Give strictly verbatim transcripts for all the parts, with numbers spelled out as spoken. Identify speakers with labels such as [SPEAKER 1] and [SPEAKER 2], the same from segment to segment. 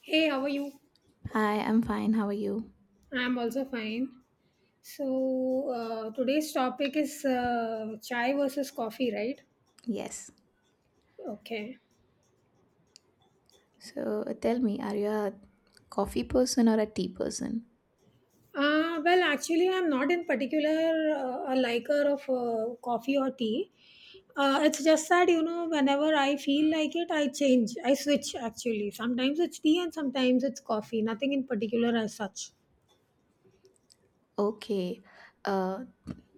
[SPEAKER 1] Hey, how are you?
[SPEAKER 2] Hi, I'm fine. How are you?
[SPEAKER 1] I'm also fine. So, uh, today's topic is uh, chai versus coffee, right?
[SPEAKER 2] Yes.
[SPEAKER 1] Okay.
[SPEAKER 2] So uh, tell me, are you a coffee person or a tea person?
[SPEAKER 1] Uh, well, actually, I'm not in particular uh, a liker of uh, coffee or tea. Uh, it's just that, you know, whenever I feel like it, I change. I switch, actually. Sometimes it's tea and sometimes it's coffee. Nothing in particular as such.
[SPEAKER 2] Okay. Uh,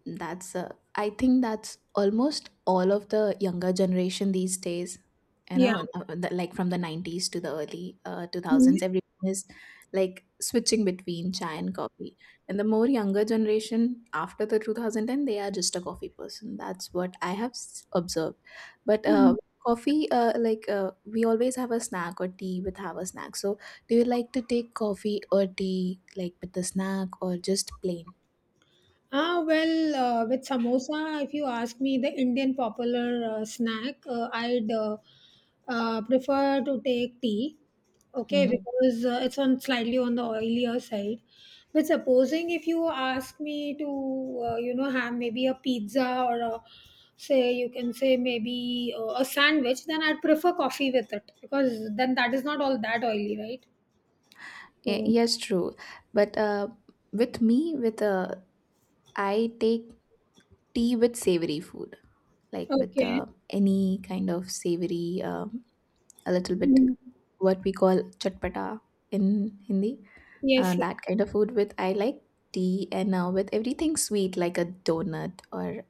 [SPEAKER 2] That's uh, I think that's almost all of the younger generation these days. You
[SPEAKER 1] Yeah.
[SPEAKER 2] know, uh, uh, the, like from the nineties to the early uh, two thousands, everyone is like switching between chai and coffee. And the more younger generation after the two thousand ten, they are just a coffee person. That's what I have s- observed. But uh, coffee, uh, like uh, we always have a snack or tea with have a snack. So do you like to take coffee or tea like with the snack or just plain?
[SPEAKER 1] Ah, well, uh, with samosa, if you ask me, the Indian popular uh, snack, uh, I'd uh, uh, prefer to take tea, okay,
[SPEAKER 2] Mm-hmm.
[SPEAKER 1] because uh, it's on slightly on the oilier side. But supposing if you ask me to, uh, you know, have maybe a pizza or a, say, you can say maybe uh, a sandwich, then I'd prefer coffee with it because then that is not all that oily, right?
[SPEAKER 2] Y-
[SPEAKER 1] So,
[SPEAKER 2] Yes, true. But uh, with me, with uh, I take tea with savory food, like with
[SPEAKER 1] okay.
[SPEAKER 2] uh, any kind of savory, um, a little bit
[SPEAKER 1] Mm.
[SPEAKER 2] what we call chatpata in Hindi. Uh,
[SPEAKER 1] Yes, yes.
[SPEAKER 2] that kind of food with I like tea, and uh, with everything sweet like a donut or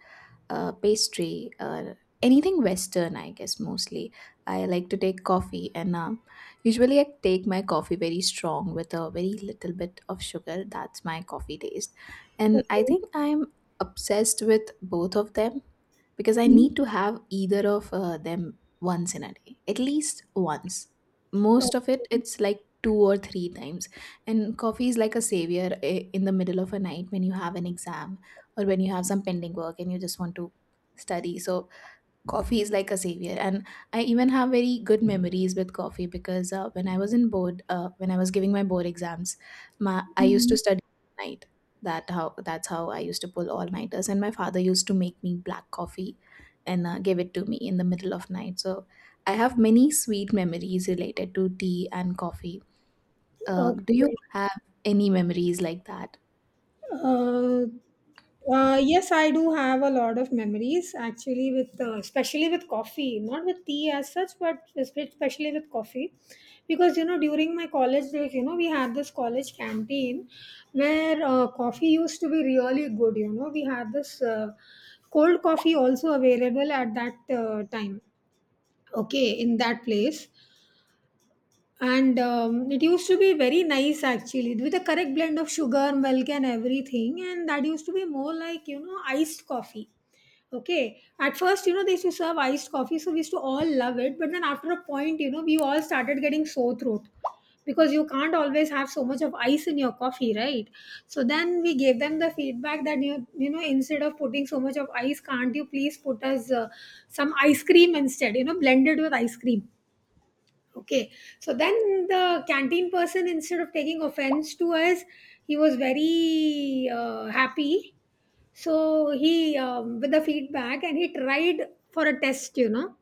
[SPEAKER 2] uh, pastry, uh, anything Western, I guess, mostly. I like to take coffee, and um, usually I take my coffee very strong with a very little bit of sugar. That's my coffee taste. And I
[SPEAKER 1] Okay.
[SPEAKER 2] think I'm obsessed with both of them because I
[SPEAKER 1] Mm.
[SPEAKER 2] need to have either of uh, them once in a day, at least once.
[SPEAKER 1] Okay.
[SPEAKER 2] Most of it, it's like two or three times. And coffee is like a savior i- in the middle of a night when you have an exam, or when you have some pending work and you just want to study. So coffee is like a savior, and i even have very good memories with coffee because uh, when I was in board uh, when I was giving my board exams. My i used to
[SPEAKER 1] Mm,
[SPEAKER 2] study at night. That how that's how i used to pull all nighters, and my father used to make me black coffee and uh, give it to me in the middle of night. So i have many sweet memories related to tea and coffee. Uh, do you
[SPEAKER 1] okay.
[SPEAKER 2] have any memories like that?
[SPEAKER 1] Uh, uh, yes, I do have a lot of memories actually with uh, especially with coffee, not with tea as such, but espe- especially with coffee, because you know during my college days, you know we had this college canteen where uh, coffee used to be really good. You know we had this uh, cold coffee also available at that uh, time. Okay, in that place. And um, it used to be very nice actually with the correct blend of sugar, milk and everything, and that used to be more like, you know, iced coffee. Okay, at first, you know, they used to serve iced coffee, so we used to all love it, but then after a point, you know, we all started getting sore throat because you can't always have so much of ice in your coffee, right? So then we gave them the feedback that you you know, instead of putting so much of ice, can't you please put us uh, some ice cream instead, you know, blended with ice cream. Okay, so then the canteen person, instead of taking offense to us, he was very uh, happy. So he, um, with the feedback, and he tried for a test, you know,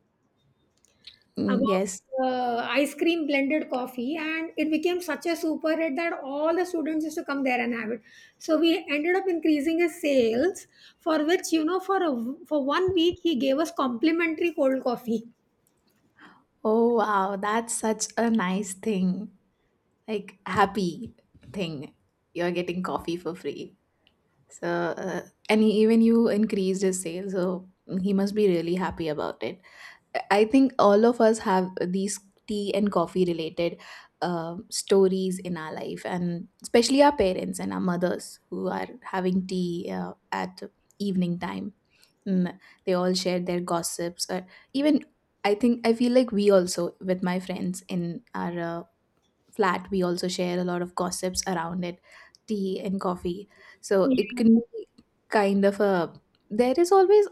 [SPEAKER 2] Mm,
[SPEAKER 1] about
[SPEAKER 2] yes.
[SPEAKER 1] uh, ice cream blended coffee, and it became such a super hit that all the students used to come there and have it. So we ended up increasing his sales, for which, you know, for a, for one week he gave us complimentary cold coffee.
[SPEAKER 2] Oh, wow, that's such a nice thing, like happy thing. You're getting coffee for free. So uh, and he, even you increased his sales, so he must be really happy about it. I think all of us have these tea and coffee related uh, stories in our life, and especially our parents and our mothers who are having tea uh, at evening time. Mm, they all share their gossips, or even i think i feel like we also with my friends in our uh, flat, we also share a lot of gossips around it, tea and coffee. So it can
[SPEAKER 1] Yeah.
[SPEAKER 2] be kind of a, there is always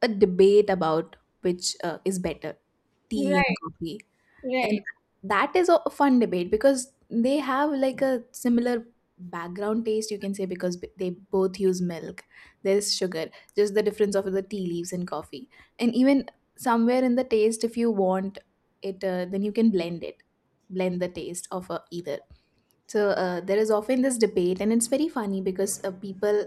[SPEAKER 2] a debate about which uh, is better, tea and
[SPEAKER 1] Right.
[SPEAKER 2] coffee. And
[SPEAKER 1] Right.
[SPEAKER 2] that is a fun debate because they have like a similar background taste, you can say, because b- they both use milk. There's sugar, just the difference of the tea leaves and coffee. And even somewhere in the taste, if you want it, uh, then you can blend it blend the taste of uh, either. So uh, there is often this debate, and it's very funny because uh, people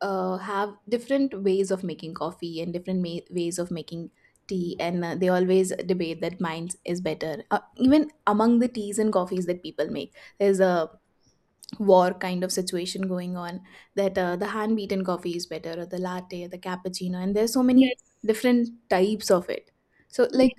[SPEAKER 2] uh, have different ways of making coffee, and different ma- ways of making tea, and uh, they always debate that mine is better. Uh, even among the teas and coffees that people make, there's a war kind of situation going on, that uh, the hand beaten coffee is better, or the latte, the cappuccino, and there's so many
[SPEAKER 1] Yes.
[SPEAKER 2] different types of it. So, like,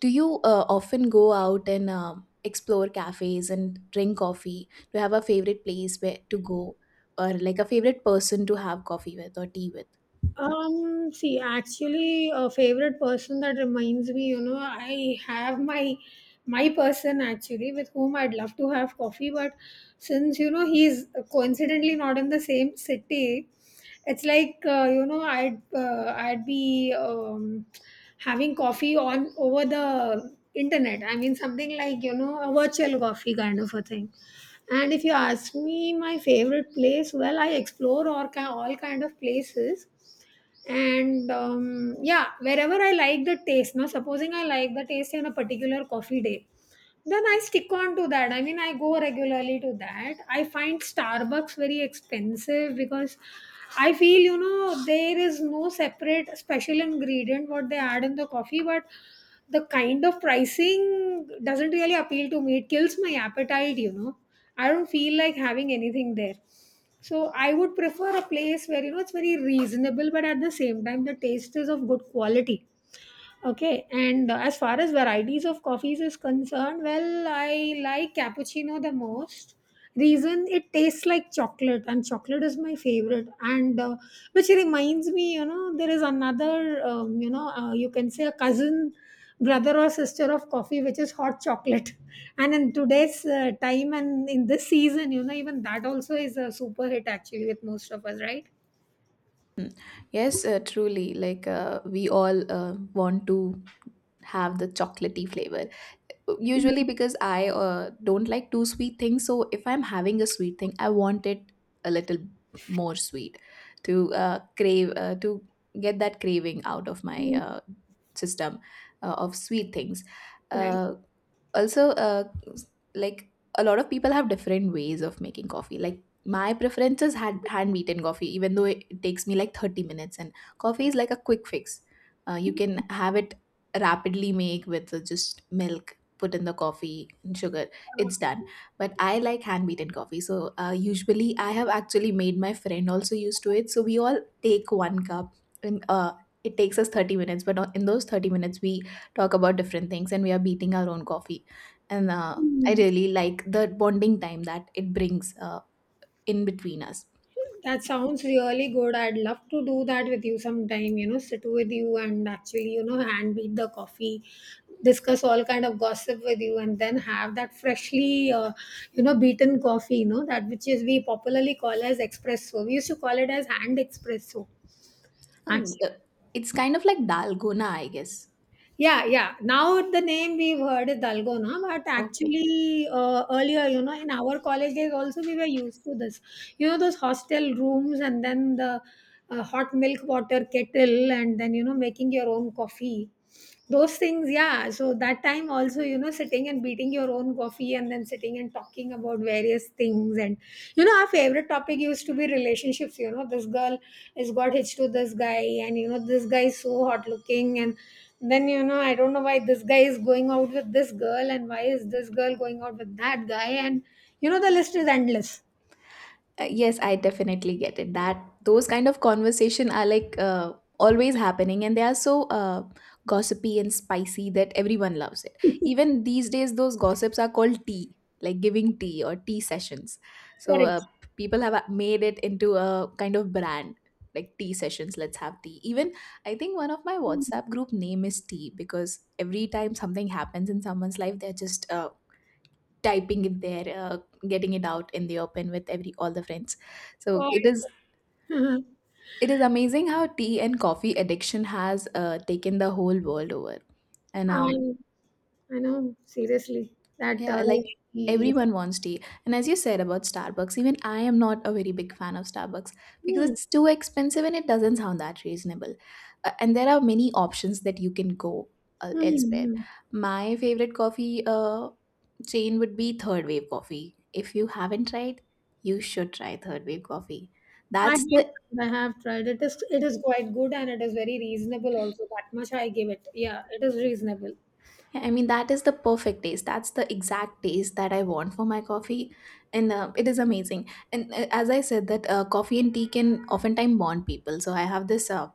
[SPEAKER 2] do you uh, often go out and um explore cafes and drink coffee? Do you have a favorite place where to go, or like a favorite person to have coffee with or tea with?
[SPEAKER 1] Um, see, actually, a favorite person, that reminds me, you know, I have my my person actually with whom I'd love to have coffee, but since you know he's coincidentally not in the same city, it's like uh, you know I'd uh, I'd be um, having coffee on over the internet. I mean, something like you know a virtual coffee kind of a thing. And if you ask me my favorite place, well, I explore all, ki- all kind of places and um, yeah, wherever I like the taste. Now supposing I like the taste in a particular coffee day, then I stick on to that. I mean, I go regularly to that. I find Starbucks very expensive because I feel, you know, there is no separate special ingredient what they add in the coffee, but the kind of pricing doesn't really appeal to me. It kills my appetite, you know. I don't feel like having anything there. So I would prefer a place where you know it's very reasonable, but at the same time the taste is of good quality. Okay, and uh, as far as varieties of coffees is concerned, well, I like cappuccino the most. Reason, it tastes like chocolate, and chocolate is my favorite. And uh, which reminds me, you know, there is another, um, you know, uh, you can say a cousin, brother or sister of coffee, which is hot chocolate. And in today's uh, time and in this season, you know, even that also is a super hit actually with most of us, right?
[SPEAKER 2] Yes, uh, truly. Like uh, we all uh, want to have the chocolatey flavor usually,
[SPEAKER 1] Mm,
[SPEAKER 2] because i uh, don't like too sweet things. So if i'm having a sweet thing, i want it a little more sweet to uh, crave, uh, to get that craving out of my
[SPEAKER 1] mm,
[SPEAKER 2] uh, system, uh, of sweet things.
[SPEAKER 1] right.
[SPEAKER 2] Uh, Also, uh, like a lot of people have different ways of making coffee. Like my preference is hand, hand beaten coffee, even though it takes me like 30 minutes. And coffee is like a quick fix. Uh, you can have it rapidly, make with uh, just milk put in the coffee and sugar. It's done. But i like hand beaten coffee, so uh, usually i have actually made my friend also used to it. So we all take one cup, and uh, it takes us 30 minutes. But in those 30 minutes, we talk about different things, and we are beating our own coffee. And uh, i
[SPEAKER 1] Mm.
[SPEAKER 2] really like the bonding time that it brings uh, in between us.
[SPEAKER 1] That sounds really good. I'd love to do that with you sometime, you know, sit with you and actually, you know, hand beat the coffee, discuss all kind of gossip with you and then have that freshly, uh, you know, beaten coffee, you know, that which is we popularly call as espresso. We used to call it as hand espresso.
[SPEAKER 2] Um,
[SPEAKER 1] Actually.
[SPEAKER 2] uh, it's kind of like dalgona, i guess.
[SPEAKER 1] Yeah, yeah. Now the name we've heard is dalgona, but
[SPEAKER 2] Okay.
[SPEAKER 1] actually uh, earlier, you know, in our college days also we were used to this. You know, those hostel rooms and then the uh, hot milk water kettle and then, you know, making your own coffee. Those things, yeah. So that time also, you know, sitting and beating your own coffee and then sitting and talking about various things. And, you know, our favorite topic used to be relationships. You know, this girl has got hitched to this guy, and, you know, this guy is so hot looking, and then you know, I don't know why this guy is going out with this girl and why is this girl going out with that guy, and you know, the list is endless.
[SPEAKER 2] Uh, yes, I definitely get it. That Those kind of conversation are like uh, always happening, and they are so uh, gossipy and spicy that everyone loves it. Even these days, those gossips are called tea, like giving tea or tea sessions. So uh,
[SPEAKER 1] Correct.
[SPEAKER 2] people have uh, made it into a kind of brand, like tea sessions. Let's have tea. Even I think one of my WhatsApp group name is tea, because every time something happens in someone's life, they're just uh, typing it there, uh, getting it out in the open with every all the friends.
[SPEAKER 1] Oh,
[SPEAKER 2] So
[SPEAKER 1] I
[SPEAKER 2] it is
[SPEAKER 1] see. Mhm.
[SPEAKER 2] it is amazing how tea and coffee addiction has uh, taken the whole world over, and um,
[SPEAKER 1] I, I know seriously that
[SPEAKER 2] yeah,
[SPEAKER 1] uh,
[SPEAKER 2] like
[SPEAKER 1] really-
[SPEAKER 2] everyone wants tea. And as you said about Starbucks, even I am not a very big fan of Starbucks, because
[SPEAKER 1] hmm,
[SPEAKER 2] it's too expensive and it doesn't sound that reasonable. Uh, and there are many options that you can go uh,
[SPEAKER 1] hmm,
[SPEAKER 2] elsewhere.
[SPEAKER 1] hmm.
[SPEAKER 2] My favorite coffee uh, chain would be Third Wave Coffee. If you haven't tried, you should try Third Wave Coffee.
[SPEAKER 1] I
[SPEAKER 2] That's the.
[SPEAKER 1] have I have tried it. Is it is quite good, and it is very reasonable also, that much I give it. Yeah, it is reasonable.
[SPEAKER 2] Yeah, I mean, that is the perfect taste. That's the exact taste that I want for my coffee. And uh, it is amazing. And uh, as I said, that uh, coffee and tea can oftentimes bond people. So I have this uh,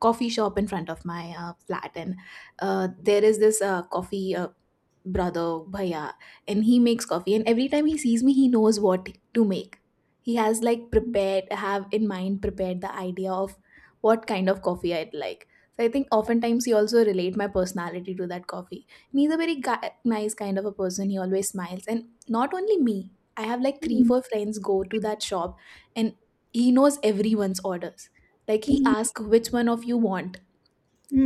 [SPEAKER 2] coffee shop in front of my uh, flat, and uh, there is this uh, coffee uh, brother bhaiya, and he makes coffee, and every time he sees me he knows what to make. He has like prepared have in mind prepared the idea of what kind of coffee i'd like. So i think oftentimes he also relate my personality to that coffee, and he's a very gui- nice kind of a person. He always smiles, and not only me, I have like three
[SPEAKER 1] Mhm.
[SPEAKER 2] four friends go to that shop, and he knows everyone's orders. Like he asks which one of you want,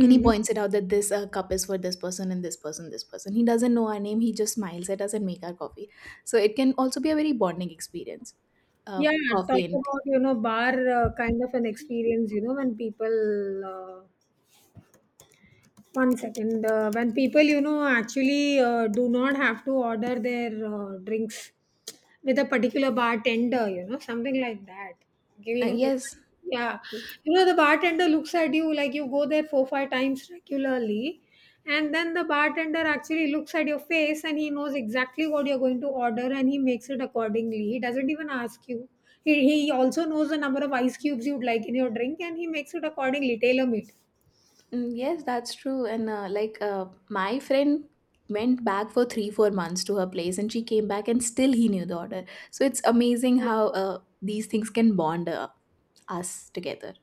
[SPEAKER 2] and he points it out that this uh, cup is for this person, and this person, this person. He doesn't know our name. He just smiles at us and make our coffee. So it can also be a very bonding experience. Uh,
[SPEAKER 1] Yeah,
[SPEAKER 2] coffee
[SPEAKER 1] talk
[SPEAKER 2] and tea.
[SPEAKER 1] about you know bar uh, kind of an experience, you know, when people uh, one second. Uh, when people, you know, actually uh, do not have to order their uh, drinks with a particular bartender, you know, something like that. Give
[SPEAKER 2] Uh,
[SPEAKER 1] you,
[SPEAKER 2] yes.
[SPEAKER 1] yeah, you know, the bartender looks at you like you go there four five times regularly, and then the bartender actually looks at your face and he knows exactly what you're going to order and he makes it accordingly. He doesn't even ask you. He, he also knows the number of ice cubes you'd like in your drink and he makes it accordingly, tailor made.
[SPEAKER 2] Mm, yes, that's true. And uh, like uh, my friend went back for three, four months to her place, and she came back, and still he knew the order. So it's amazing how uh, these things can bond uh, us together.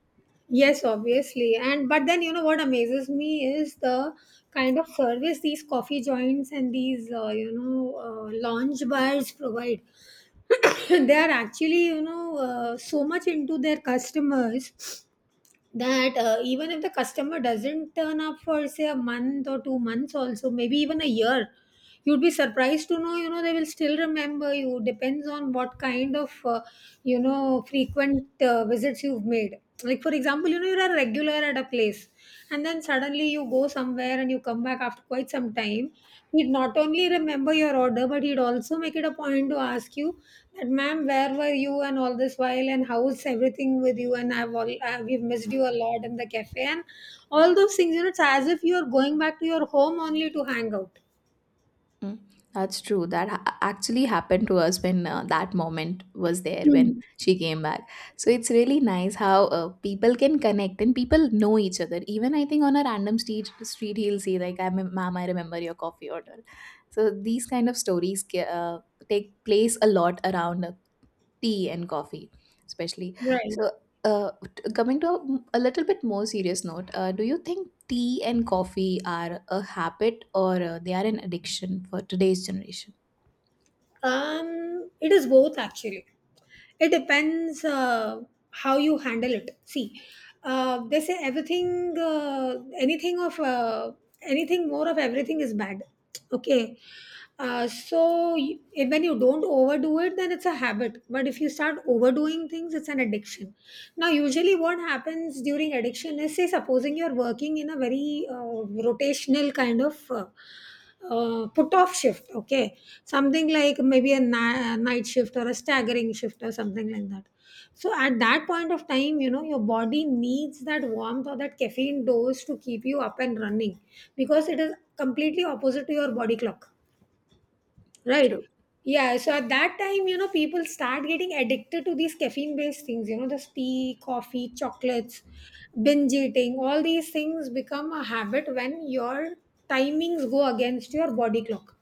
[SPEAKER 1] Yes, obviously. And but then you know what amazes me is the kind of service these coffee joints and these uh, you know uh, lounge bars provide. They are actually you know uh, so much into their customers that uh, even if the customer doesn't turn up for say a month or two months also, maybe even a year, you'd be surprised to know, you know, they will still remember you. Depends on what kind of, uh, you know, frequent uh, visits you've made. Like, for example, you know, you're a regular at a place and then suddenly you go somewhere and you come back after quite some time. He'd not only remember your order, but he'd also make it a point to ask you that, ma'am, where were you and all this while, and how's everything with you? And I've all, uh, we've missed you a lot in the cafe and all those things. You know, it's as if you're going back to your home only to hang out.
[SPEAKER 2] Mm, that's true. That ha- actually happened to us when uh, that moment was there when
[SPEAKER 1] Hmm.
[SPEAKER 2] she came back. So it's really nice how uh, people can connect and people know each other. Even I think on a random street street, he'll say like, "I mem- ma'am, I remember your coffee order." So these kind of stories ca- uh, take place a lot around uh, tea and coffee, especially.
[SPEAKER 1] Right.
[SPEAKER 2] So, uh, t- coming to a, a little bit more serious note, uh, do you think tea and coffee are a habit, or uh, they are an addiction for today's generation?
[SPEAKER 1] Um, it is both actually. It depends uh, how you handle it. See, uh, they say everything, uh, anything of uh, anything more of everything is bad. Okay. Uh, so y- if, when you don't overdo it, then it's a habit. But if you start overdoing things, it's an addiction. Now, usually, what happens during addiction is, say, supposing you're working in a very uh, rotational kind of uh, uh, put off shift, okay, something like maybe a na- night shift or a staggering shift or something like that. So, at that point of time, you know, your body needs that warmth or that caffeine dose to keep you up and running because it is completely opposite to your body clock. Right.
[SPEAKER 2] True.
[SPEAKER 1] Yeah. So at that time, you know, people start getting addicted to these caffeine based things, you know, the tea, coffee, chocolates, binge eating, all these things become a habit when your timings go against your body clock.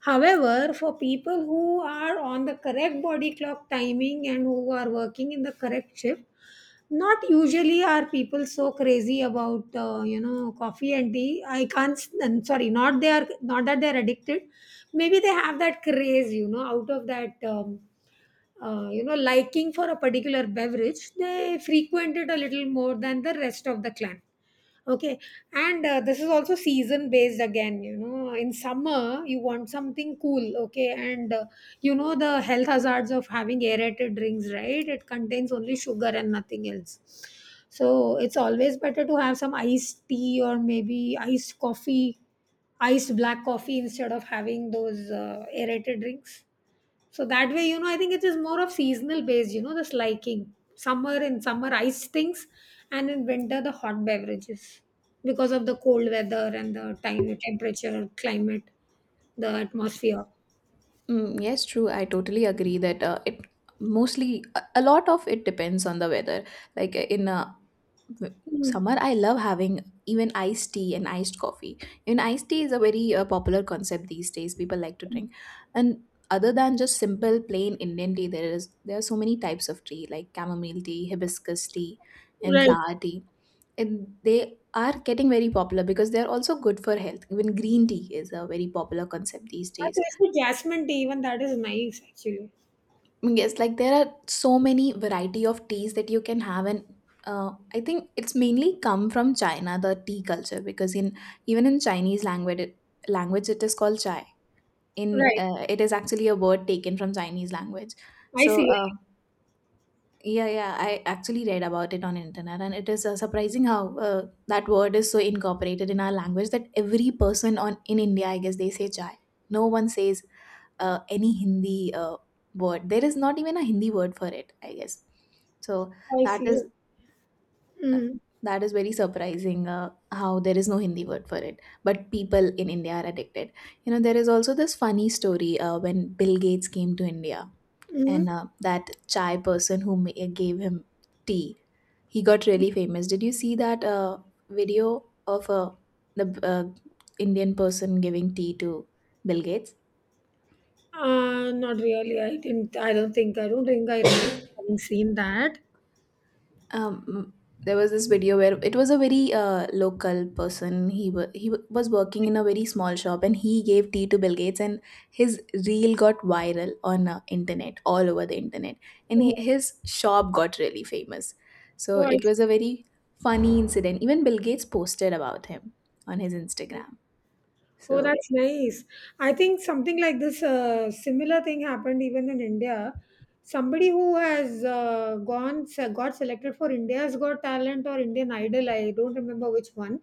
[SPEAKER 1] However, for people who are on the correct body clock timing and who are working in the correct shift, not usually are people so crazy about uh, you know coffee and tea. I can't s- I'm sorry, not they are not that they're addicted. Maybe they have that craze, you know, out of that um, uh, you know, liking for a particular beverage. They frequent it a little more than the rest of the clan. Okay, and uh, this is also season based again. You know, in summer you want something cool. Okay, and uh, you know the health hazards of having aerated drinks, right? It contains only sugar and nothing else. So it's always better to have some iced tea or maybe iced coffee, iced black coffee instead of having those uh, aerated drinks. So that way, you know, I think it is more of seasonal based, you know, the liking. Summer in summer ice things, and in winter the hot beverages because of the cold weather and the time, temperature, climate, the atmosphere.
[SPEAKER 2] Mm, yes, true. I totally agree that uh, it mostly, a a lot of it depends on the weather. Like uh, in uh,
[SPEAKER 1] Mm.
[SPEAKER 2] summer, i love having even iced tea and iced coffee. Even iced tea is a very uh, popular concept these days, people like to drink. And other than just simple plain indian tea, there is there are so many types of tea, like chamomile tea, hibiscus tea, and
[SPEAKER 1] Right.
[SPEAKER 2] flower tea, and they are getting very popular because they are also good for health. Even green tea is a very popular concept these
[SPEAKER 1] That
[SPEAKER 2] days.
[SPEAKER 1] is the jasmine tea, even that is nice actually.
[SPEAKER 2] Yes, like there are so many variety of teas that you can have, and uh, I think it's mainly come from China, the tea culture, because in even in Chinese language, it, language it is called chai. In
[SPEAKER 1] Right.
[SPEAKER 2] uh, it is actually a word taken from Chinese language.
[SPEAKER 1] I
[SPEAKER 2] So,
[SPEAKER 1] see.
[SPEAKER 2] uh, yeah, yeah, I actually read about it on internet, and it is uh, surprising how uh, that word is so incorporated in our language that every person on in India, I guess they say chai. No one says uh, any Hindi uh, word. There is not even a Hindi word for it, I guess. So
[SPEAKER 1] I
[SPEAKER 2] that
[SPEAKER 1] see.
[SPEAKER 2] is uh,
[SPEAKER 1] Mm.
[SPEAKER 2] that is very surprising uh, how there is no Hindi word for it, but people in India are addicted. You know, there is also this funny story uh, when Bill Gates came to India,
[SPEAKER 1] Mm.
[SPEAKER 2] and uh, that chai person who ma- gave him tea, he got really famous. Did you see that uh, video of uh, the uh, Indian person giving tea to Bill Gates?
[SPEAKER 1] Uh, not really. I didn't I don't think I don't think I remember having seen that.
[SPEAKER 2] um there was this video where it was a very uh, local person. he wa- he wa- was working in a very small shop, and he gave tea to Bill Gates, and his reel got viral on uh, internet, all over the internet, and he,
[SPEAKER 1] Oh.
[SPEAKER 2] his shop got really famous. So
[SPEAKER 1] Oh, I...
[SPEAKER 2] it was a very funny incident. Even Bill Gates posted about him on his Instagram.
[SPEAKER 1] Oh,
[SPEAKER 2] So.
[SPEAKER 1] that's nice. I think something like this, uh, similar thing happened even in India. Somebody who has uh, gone se- got selected for India's Got Talent or Indian Idol, I don't remember which one.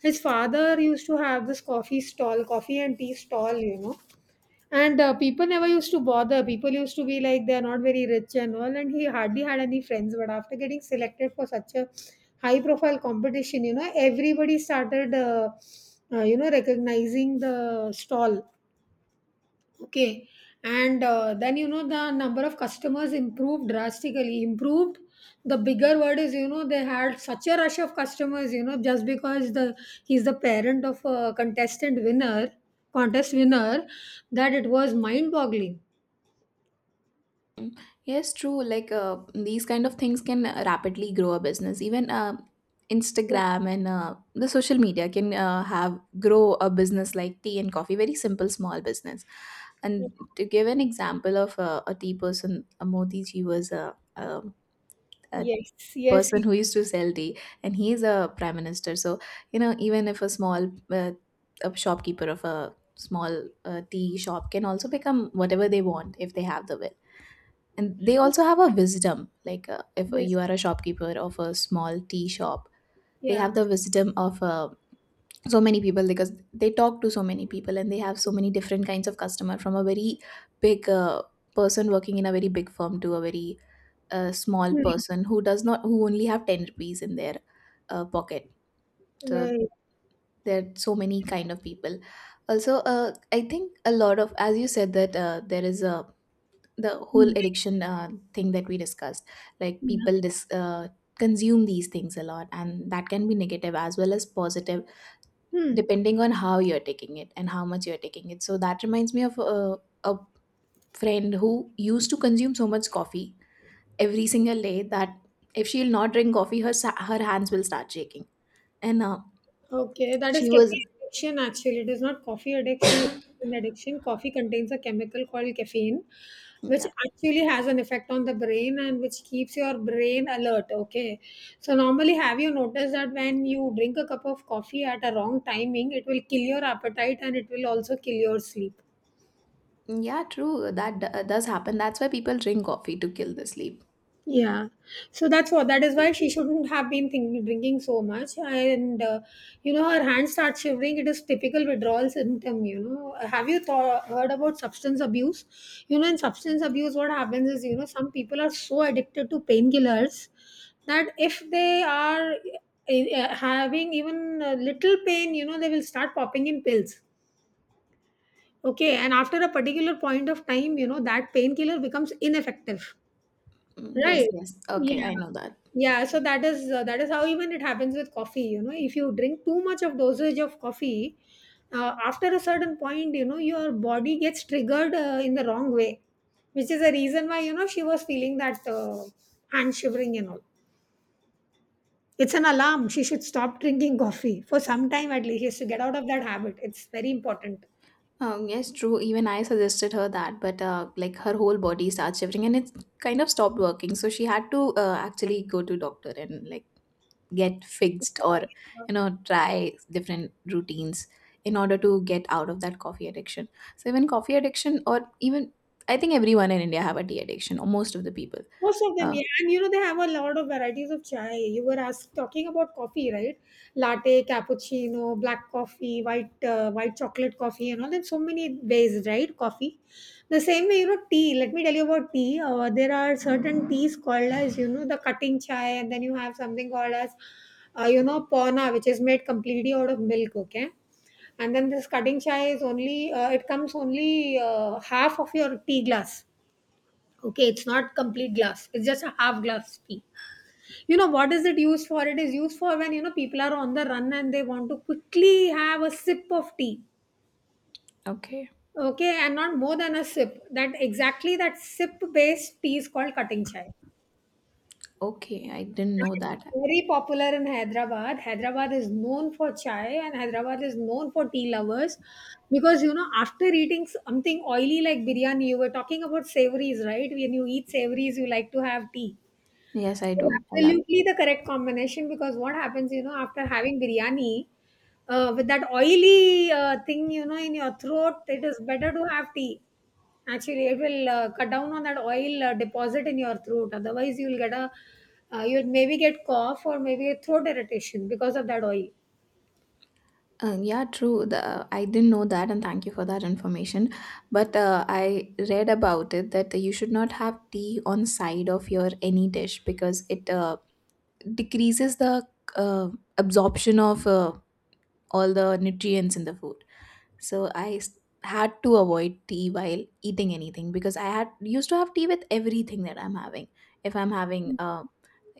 [SPEAKER 1] His father used to have this coffee stall, coffee and tea stall, you know. And uh, people never used to bother. People used to be like they're not very rich and all, and he hardly had any friends. But after getting selected for such a high profile competition, you know, everybody started, uh, uh, you know, recognizing the stall. Okay. And uh, then, you know, the number of customers improved drastically. Improved, the bigger word is, you know, they had such a rush of customers, you know, just because the he's the parent of a contestant winner, contest winner, that it was mind boggling.
[SPEAKER 2] Yes, true. Like uh, these kind of things can rapidly grow a business. Even uh, Instagram and uh, the social media can uh, have grow a business like tea and coffee, very simple small business. And to give an example of uh, a tea person, a Modi ji was a, a, a
[SPEAKER 1] Yes, yes, yes,
[SPEAKER 2] person
[SPEAKER 1] yes,
[SPEAKER 2] who used to sell tea, and he is a prime minister. So you know, even if a small uh, a shopkeeper of a small uh, tea shop can also become whatever they want if they have the will, and they also have a wisdom, like uh, if
[SPEAKER 1] yes,
[SPEAKER 2] you are a shopkeeper of a small tea shop, they
[SPEAKER 1] yeah.
[SPEAKER 2] have the wisdom of uh, so many people, because they talk to so many people, and they have so many different kinds of customer, from a very big uh, person working in a very big firm, to a very uh, small
[SPEAKER 1] Right.
[SPEAKER 2] person who does not, who only have ten rupees in their uh, pocket. So
[SPEAKER 1] Right.
[SPEAKER 2] there are so many kind of people. Also, uh, I think a lot of, as you said, that uh, there is a the whole
[SPEAKER 1] Hmm.
[SPEAKER 2] addiction uh, thing that we discussed, like people
[SPEAKER 1] Yeah.
[SPEAKER 2] dis- uh, consume these things a lot, and that can be negative as well as positive,
[SPEAKER 1] Hmm.
[SPEAKER 2] depending on how you're taking it and how much you're taking it. So that reminds me of a, a friend who used to consume so much coffee every single day, that if she'll not drink coffee, her sa- her hands will start shaking. And uh,
[SPEAKER 1] Okay, that is
[SPEAKER 2] she was.
[SPEAKER 1] caffeine addiction actually. It is not coffee addiction, it's caffeine addiction. Coffee contains a chemical called caffeine, which
[SPEAKER 2] Yeah,
[SPEAKER 1] actually has an effect on the brain and which keeps your brain alert. Okay. So normally, have you noticed that when you drink a cup of coffee at a wrong timing, it will kill your appetite and it will also kill your sleep?
[SPEAKER 2] yeah, true that d- does happen. That's why people drink coffee, to kill the sleep.
[SPEAKER 1] Yeah, so that's what, that is why she shouldn't have been think, drinking so much, and uh, you know, her hands start shivering. It is typical withdrawal symptom. You know, have you thought heard about substance abuse? You know, in substance abuse, what happens is, you know, some people are so addicted to painkillers that if they are uh, having even a little pain, you know, they will start popping in pills. Okay, and after a particular point of time, you know, that painkiller becomes ineffective,
[SPEAKER 2] Mm,
[SPEAKER 1] right?
[SPEAKER 2] yes, yes. Okay, I know that.
[SPEAKER 1] Yeah, so that is uh, that is how even it happens with coffee. You know, if you drink too much of dosage of coffee, uh, after a certain point, you know, your body gets triggered uh, in the wrong way, which is the reason why, you know, she was feeling that uh, hand shivering and all. It's an alarm. She should stop drinking coffee for some time at least. She has to get out of that habit. It's very important.
[SPEAKER 2] Um, yes, true. Even I suggested her that, but uh, like her whole body starts shivering, and it kind of stopped working. So she had to uh, actually go to doctor, and like get fixed, or you know try different routines in order to get out of that coffee addiction. So even coffee addiction, or even I think everyone in India have a tea addiction, or most of the people.
[SPEAKER 1] Most of them,
[SPEAKER 2] uh,
[SPEAKER 1] yeah. And you know, they have a lot of varieties of chai. You were asked talking about coffee, right? Latte, cappuccino, black coffee, white uh, white chocolate coffee, and all. There's so many ways, right? Coffee. The same way, you know, tea. Let me tell you about tea. Uh, there are certain teas called as, you know, the cutting chai, and then you have something called as, uh, you know, pona, which is made completely out of milk. Okay. And then this cutting chai is only, uh, it comes only uh, half of your tea glass. Okay, it's not complete glass. It's just a half glass tea. You know what is it used for? It is used for when, you know, people are on the run and they want to quickly have a sip of tea.
[SPEAKER 2] okay.
[SPEAKER 1] Okay, and not more than a sip. That exactly, that sip based tea is called cutting chai.
[SPEAKER 2] Okay, I didn't know that.
[SPEAKER 1] Very popular in Hyderabad. Hyderabad is known for chai and Hyderabad is known for tea lovers because, you know, after eating something oily like biryani, you were talking about savories, right? When you eat savories, you like to have tea.
[SPEAKER 2] Yes, I do, I love.
[SPEAKER 1] Absolutely the correct combination because what happens, you know, after having biryani, uh, with that oily uh, thing, you know, in your throat, it is better to have tea. Actually, it will uh, cut down on that oil uh, deposit in your throat. Otherwise, you'll get a, uh, you'll maybe get cough or maybe a throat irritation because of that oil.
[SPEAKER 2] Uh, yeah, true, the, I didn't know that, and thank you for that information. But uh, I read about it that you should not have tea on side of your any dish, because it uh, decreases the uh, absorption of uh, all the nutrients in the food. So I s- had to avoid tea while eating anything, because I had used to have tea with everything that I'm having. If I'm having uh,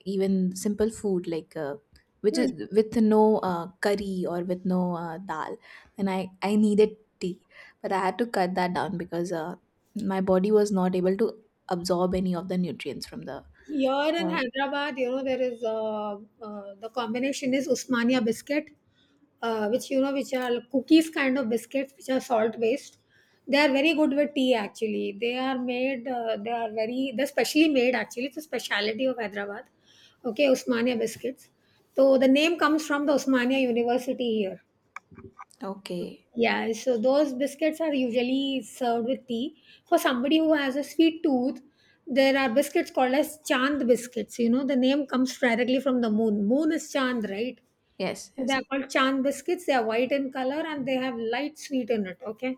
[SPEAKER 2] even simple food, like uh, which is with no uh, curry or with no uh, dal, then I I needed tea, but I had to cut that down because uh, my body was not able to absorb any of the nutrients from the.
[SPEAKER 1] Here in
[SPEAKER 2] Uh,
[SPEAKER 1] Hyderabad, you know, there is uh, uh, the combination is Usmania biscuit, uh, which, you know, which are cookies kind of biscuits, which are salt based. They are very good with tea. Actually, they are made. Uh, they are very. They're specially made. Actually, it's a specialty of Hyderabad. Okay, Usmania biscuits. So the name comes from the Usmania University here.
[SPEAKER 2] okay.
[SPEAKER 1] Yeah, so those biscuits are usually served with tea. For somebody who has a sweet tooth, there are biscuits called as chand biscuits. You know, the name comes directly from the moon. Moon is chand, right?
[SPEAKER 2] Yes.
[SPEAKER 1] They
[SPEAKER 2] Yes.
[SPEAKER 1] are called chand biscuits. They are white in color and they have light sweet in it. Okay,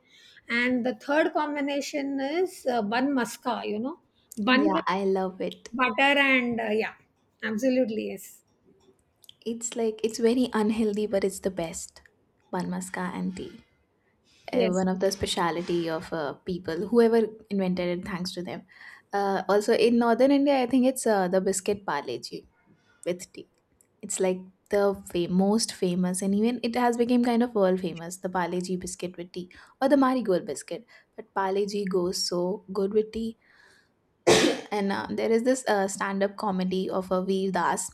[SPEAKER 1] and the third combination is uh, bun maska. You know, bun
[SPEAKER 2] Yeah,
[SPEAKER 1] with
[SPEAKER 2] I love it.
[SPEAKER 1] butter and uh, yeah, absolutely, yes,
[SPEAKER 2] It's like it's very unhealthy, but it's the best. Banmaska and tea, uh,
[SPEAKER 1] yes,
[SPEAKER 2] one of the speciality of uh, people. Whoever invented it, thanks to them. Uh, also in northern India, I think it's uh, the biscuit parleji with tea. It's like the fa- most famous, and even it has become kind of world famous. The parleji biscuit with tea, or the marigold biscuit, but parleji goes so good with tea. And uh, there is this uh, stand-up comedy of a Veer Das.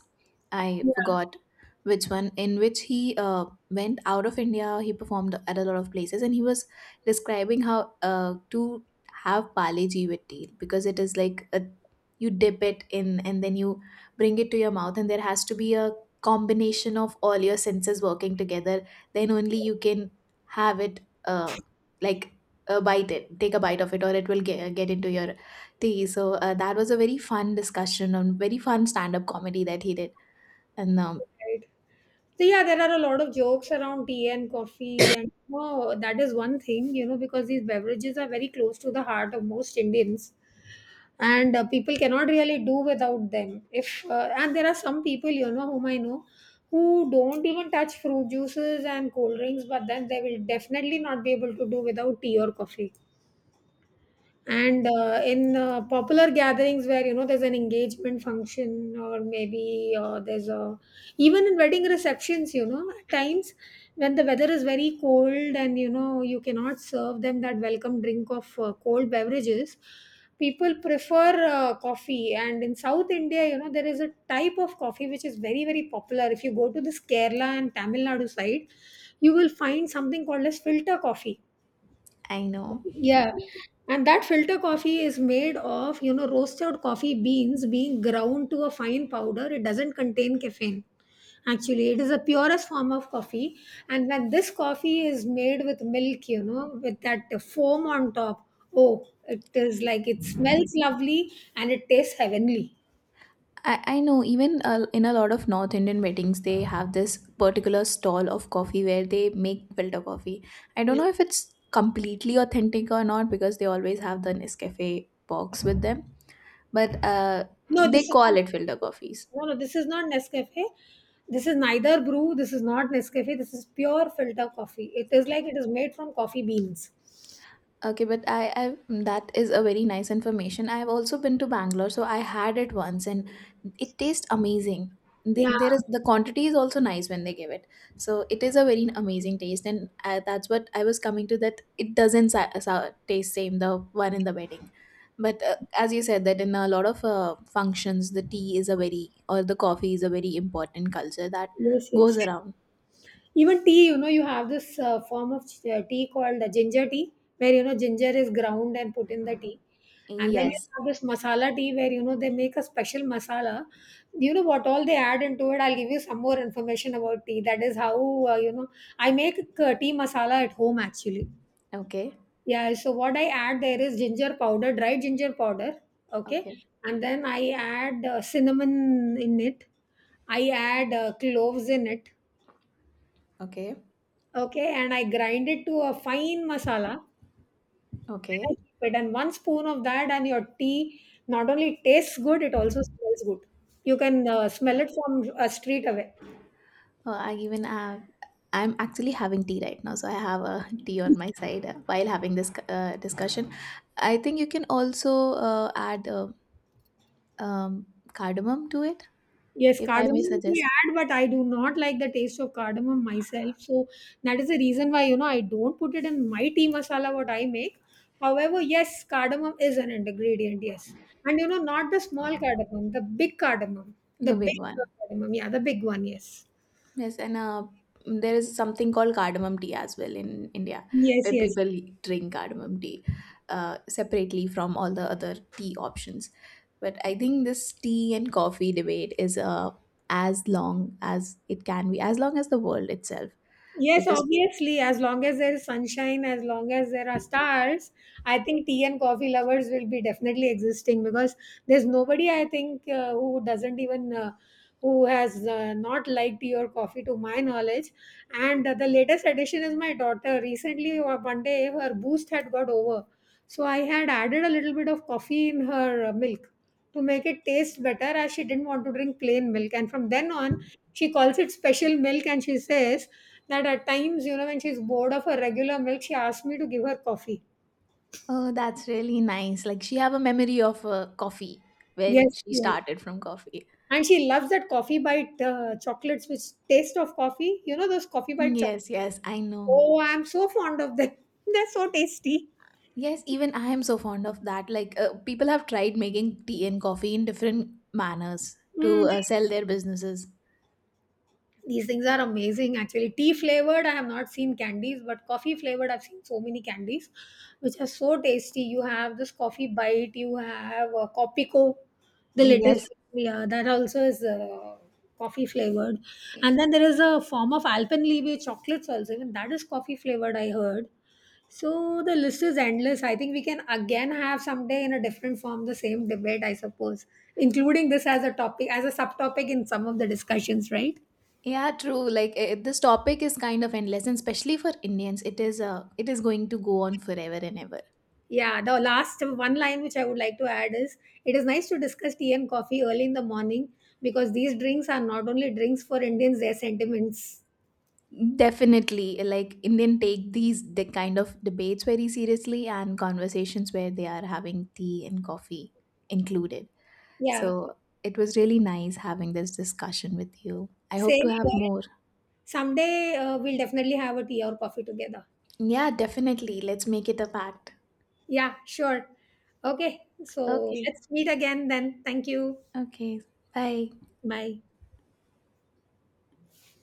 [SPEAKER 2] I forgot which one, in which he uh, went out of India. He performed at a lot of places, and he was describing how uh, to have Pale Ji with tea, because it is like a, you dip it in, and then you bring it to your mouth, and there has to be a combination of all your senses working together. Then only you can have it, uh, like, uh, bite it, take a bite of it, or it will get, get into your Tee. So uh, that was a very fun discussion, and very fun stand-up comedy that he did. And um,
[SPEAKER 1] right. So yeah, there are a lot of jokes around tea and coffee, and oh, that is one thing, you know, because these beverages are very close to the heart of most Indians, and uh, people cannot really do without them. If uh, and there are some people, you know, whom I know, who don't even touch fruit juices and cold drinks, but then they will definitely not be able to do without tea or coffee. And uh, in uh, popular gatherings where, you know, there's an engagement function or maybe uh, there's a, even in wedding receptions, you know, at times when the weather is very cold and you know, you cannot serve them that welcome drink of uh, cold beverages, people prefer uh, coffee. And in south india, you know, there is a type of coffee which is very very popular. If you go to this kerala and tamil nadu side, you will find something called as filter coffee.
[SPEAKER 2] I know.
[SPEAKER 1] Yeah, and that filter coffee is made of, you know, roasted coffee beans being ground to a fine powder. It doesn't contain caffeine. Actually, it is the purest form of coffee. And when this coffee is made with milk, you know, with that foam on top, oh, it is like it smells lovely and it tastes heavenly.
[SPEAKER 2] I, I know. Even uh, in a lot of North Indian weddings, they have this particular stall of coffee where they make filter coffee. I don't
[SPEAKER 1] Yeah.
[SPEAKER 2] know if it's completely authentic or not, because they always have the Nescafe box with them, but uh,
[SPEAKER 1] No,
[SPEAKER 2] they
[SPEAKER 1] this is
[SPEAKER 2] call
[SPEAKER 1] not.
[SPEAKER 2] it filter coffees.
[SPEAKER 1] No, no, this is not Nescafe. This is neither brew. This is not Nescafe. This is pure filter coffee. It is like it is made from coffee beans.
[SPEAKER 2] Okay, but I, I that is a very nice information. I have also been to Bangalore, so I had it once, and it tastes amazing. The,
[SPEAKER 1] Yeah.
[SPEAKER 2] there is the quantity is also nice when they give it, so it is a very amazing taste, and uh that's what I was coming to. That it doesn't sa- sa- taste same, the one in the wedding, but uh, as you said that in a lot of uh, functions, the tea is a very, or the coffee is a very important culture that
[SPEAKER 1] Yes, yes.
[SPEAKER 2] goes around.
[SPEAKER 1] Even tea, you know, you have this uh, form of ch- uh, tea called the ginger tea, where you know ginger is ground and put in the tea, and then you
[SPEAKER 2] Yes.
[SPEAKER 1] have this masala tea where you know they make a special masala. You know what all they add into it. I'll give you some more information about tea. That is how uh, you know, I make uh, tea masala at home actually.
[SPEAKER 2] Okay.
[SPEAKER 1] Yeah. So what I add there is ginger powder, dried ginger powder, okay,
[SPEAKER 2] Okay.
[SPEAKER 1] and then I add uh, cinnamon in it. I add uh, cloves in it.
[SPEAKER 2] Okay.
[SPEAKER 1] Okay, and I grind it to a fine masala. Then I
[SPEAKER 2] Okay.
[SPEAKER 1] keep it, and one spoon of that, and your tea not only tastes good, it also smells good. You can uh, smell it from a street away.
[SPEAKER 2] Uh, I even have, I'm actually having tea right now, so I have a tea on my side uh, while having this uh, discussion. I think you can also uh, add uh, um, cardamom to it,
[SPEAKER 1] Yes,
[SPEAKER 2] if I may
[SPEAKER 1] cardamom we
[SPEAKER 2] suggest.
[SPEAKER 1] add, but I do not like the taste of cardamom myself. So that is the reason why, you know, I don't put it in my tea masala what I make. However, yes, cardamom is an ingredient. Yes, and you know, not the small cardamom, the big cardamom, the
[SPEAKER 2] The big
[SPEAKER 1] big uh,
[SPEAKER 2] one.
[SPEAKER 1] cardamom. Yeah, the big one. Yes.
[SPEAKER 2] Yes, and uh, there is something called cardamom tea as well in India,
[SPEAKER 1] Yes,
[SPEAKER 2] where
[SPEAKER 1] yes.
[SPEAKER 2] people drink cardamom tea uh, separately from all the other tea options. But I think this tea and coffee debate is uh, as long as it can be, as long as the world itself.
[SPEAKER 1] Yes,
[SPEAKER 2] Because.
[SPEAKER 1] obviously, as long as there is sunshine, as long as there are stars, I think tea and coffee lovers will be definitely existing, because there's nobody, I think, uh, who doesn't even uh, who has uh, not liked tea or coffee to my knowledge. And uh, the latest addition is my daughter. Recently, uh, one day her boost had got over, so I had added a little bit of coffee in her uh, milk to make it taste better, as she didn't want to drink plain milk. And from then on, she calls it special milk, and she says that at times, you know, when she's bored of her regular milk, she asks me to give her coffee.
[SPEAKER 2] Oh, that's really nice. Like, she have a memory of uh, coffee, where
[SPEAKER 1] Yes,
[SPEAKER 2] she
[SPEAKER 1] yes.
[SPEAKER 2] started from coffee.
[SPEAKER 1] And she loves that coffee bite uh, chocolates, which taste of coffee. You know, those coffee bite
[SPEAKER 2] Yes,
[SPEAKER 1] chocolates.
[SPEAKER 2] yes, I know.
[SPEAKER 1] Oh, I'm so fond of them. They're so tasty.
[SPEAKER 2] Yes, even I am so fond of that. Like, uh, people have tried making tea and coffee in different manners
[SPEAKER 1] Mm.
[SPEAKER 2] to uh, sell their businesses.
[SPEAKER 1] These things are amazing actually. Tea flavored I have not seen candies, but coffee flavored I've seen so many candies which are so tasty. You have this coffee bite, you have uh, copico, the latest.
[SPEAKER 2] Yes.
[SPEAKER 1] Yeah, that also is uh, coffee flavored. And then there is a form of alpenliebe chocolates also, even that is coffee flavored, I heard. So the list is endless. I think we can again have someday in a different form the same debate, I suppose, including this as a topic, as a subtopic in some of the discussions, right?
[SPEAKER 2] Yeah, true. Like eh, this topic is kind of endless, and especially for Indians, it is uh, it is going to go on forever and ever.
[SPEAKER 1] Yeah, the last one line which I would like to add is, it is nice to discuss tea and coffee early in the morning because these drinks are not only drinks for Indians, they're sentiments.
[SPEAKER 2] Definitely, like Indian take these the kind of debates very seriously, and conversations where they are having tea and coffee included.
[SPEAKER 1] Yeah,
[SPEAKER 2] So it was really nice having this discussion with you. I hope to
[SPEAKER 1] same
[SPEAKER 2] have
[SPEAKER 1] here.
[SPEAKER 2] more.
[SPEAKER 1] Someday uh, we'll definitely have a tea or coffee together.
[SPEAKER 2] Yeah, definitely. Let's make it a pact.
[SPEAKER 1] Yeah, sure. Okay, so
[SPEAKER 2] Okay.
[SPEAKER 1] let's meet again then. Thank you.
[SPEAKER 2] Okay. Bye.
[SPEAKER 1] Bye.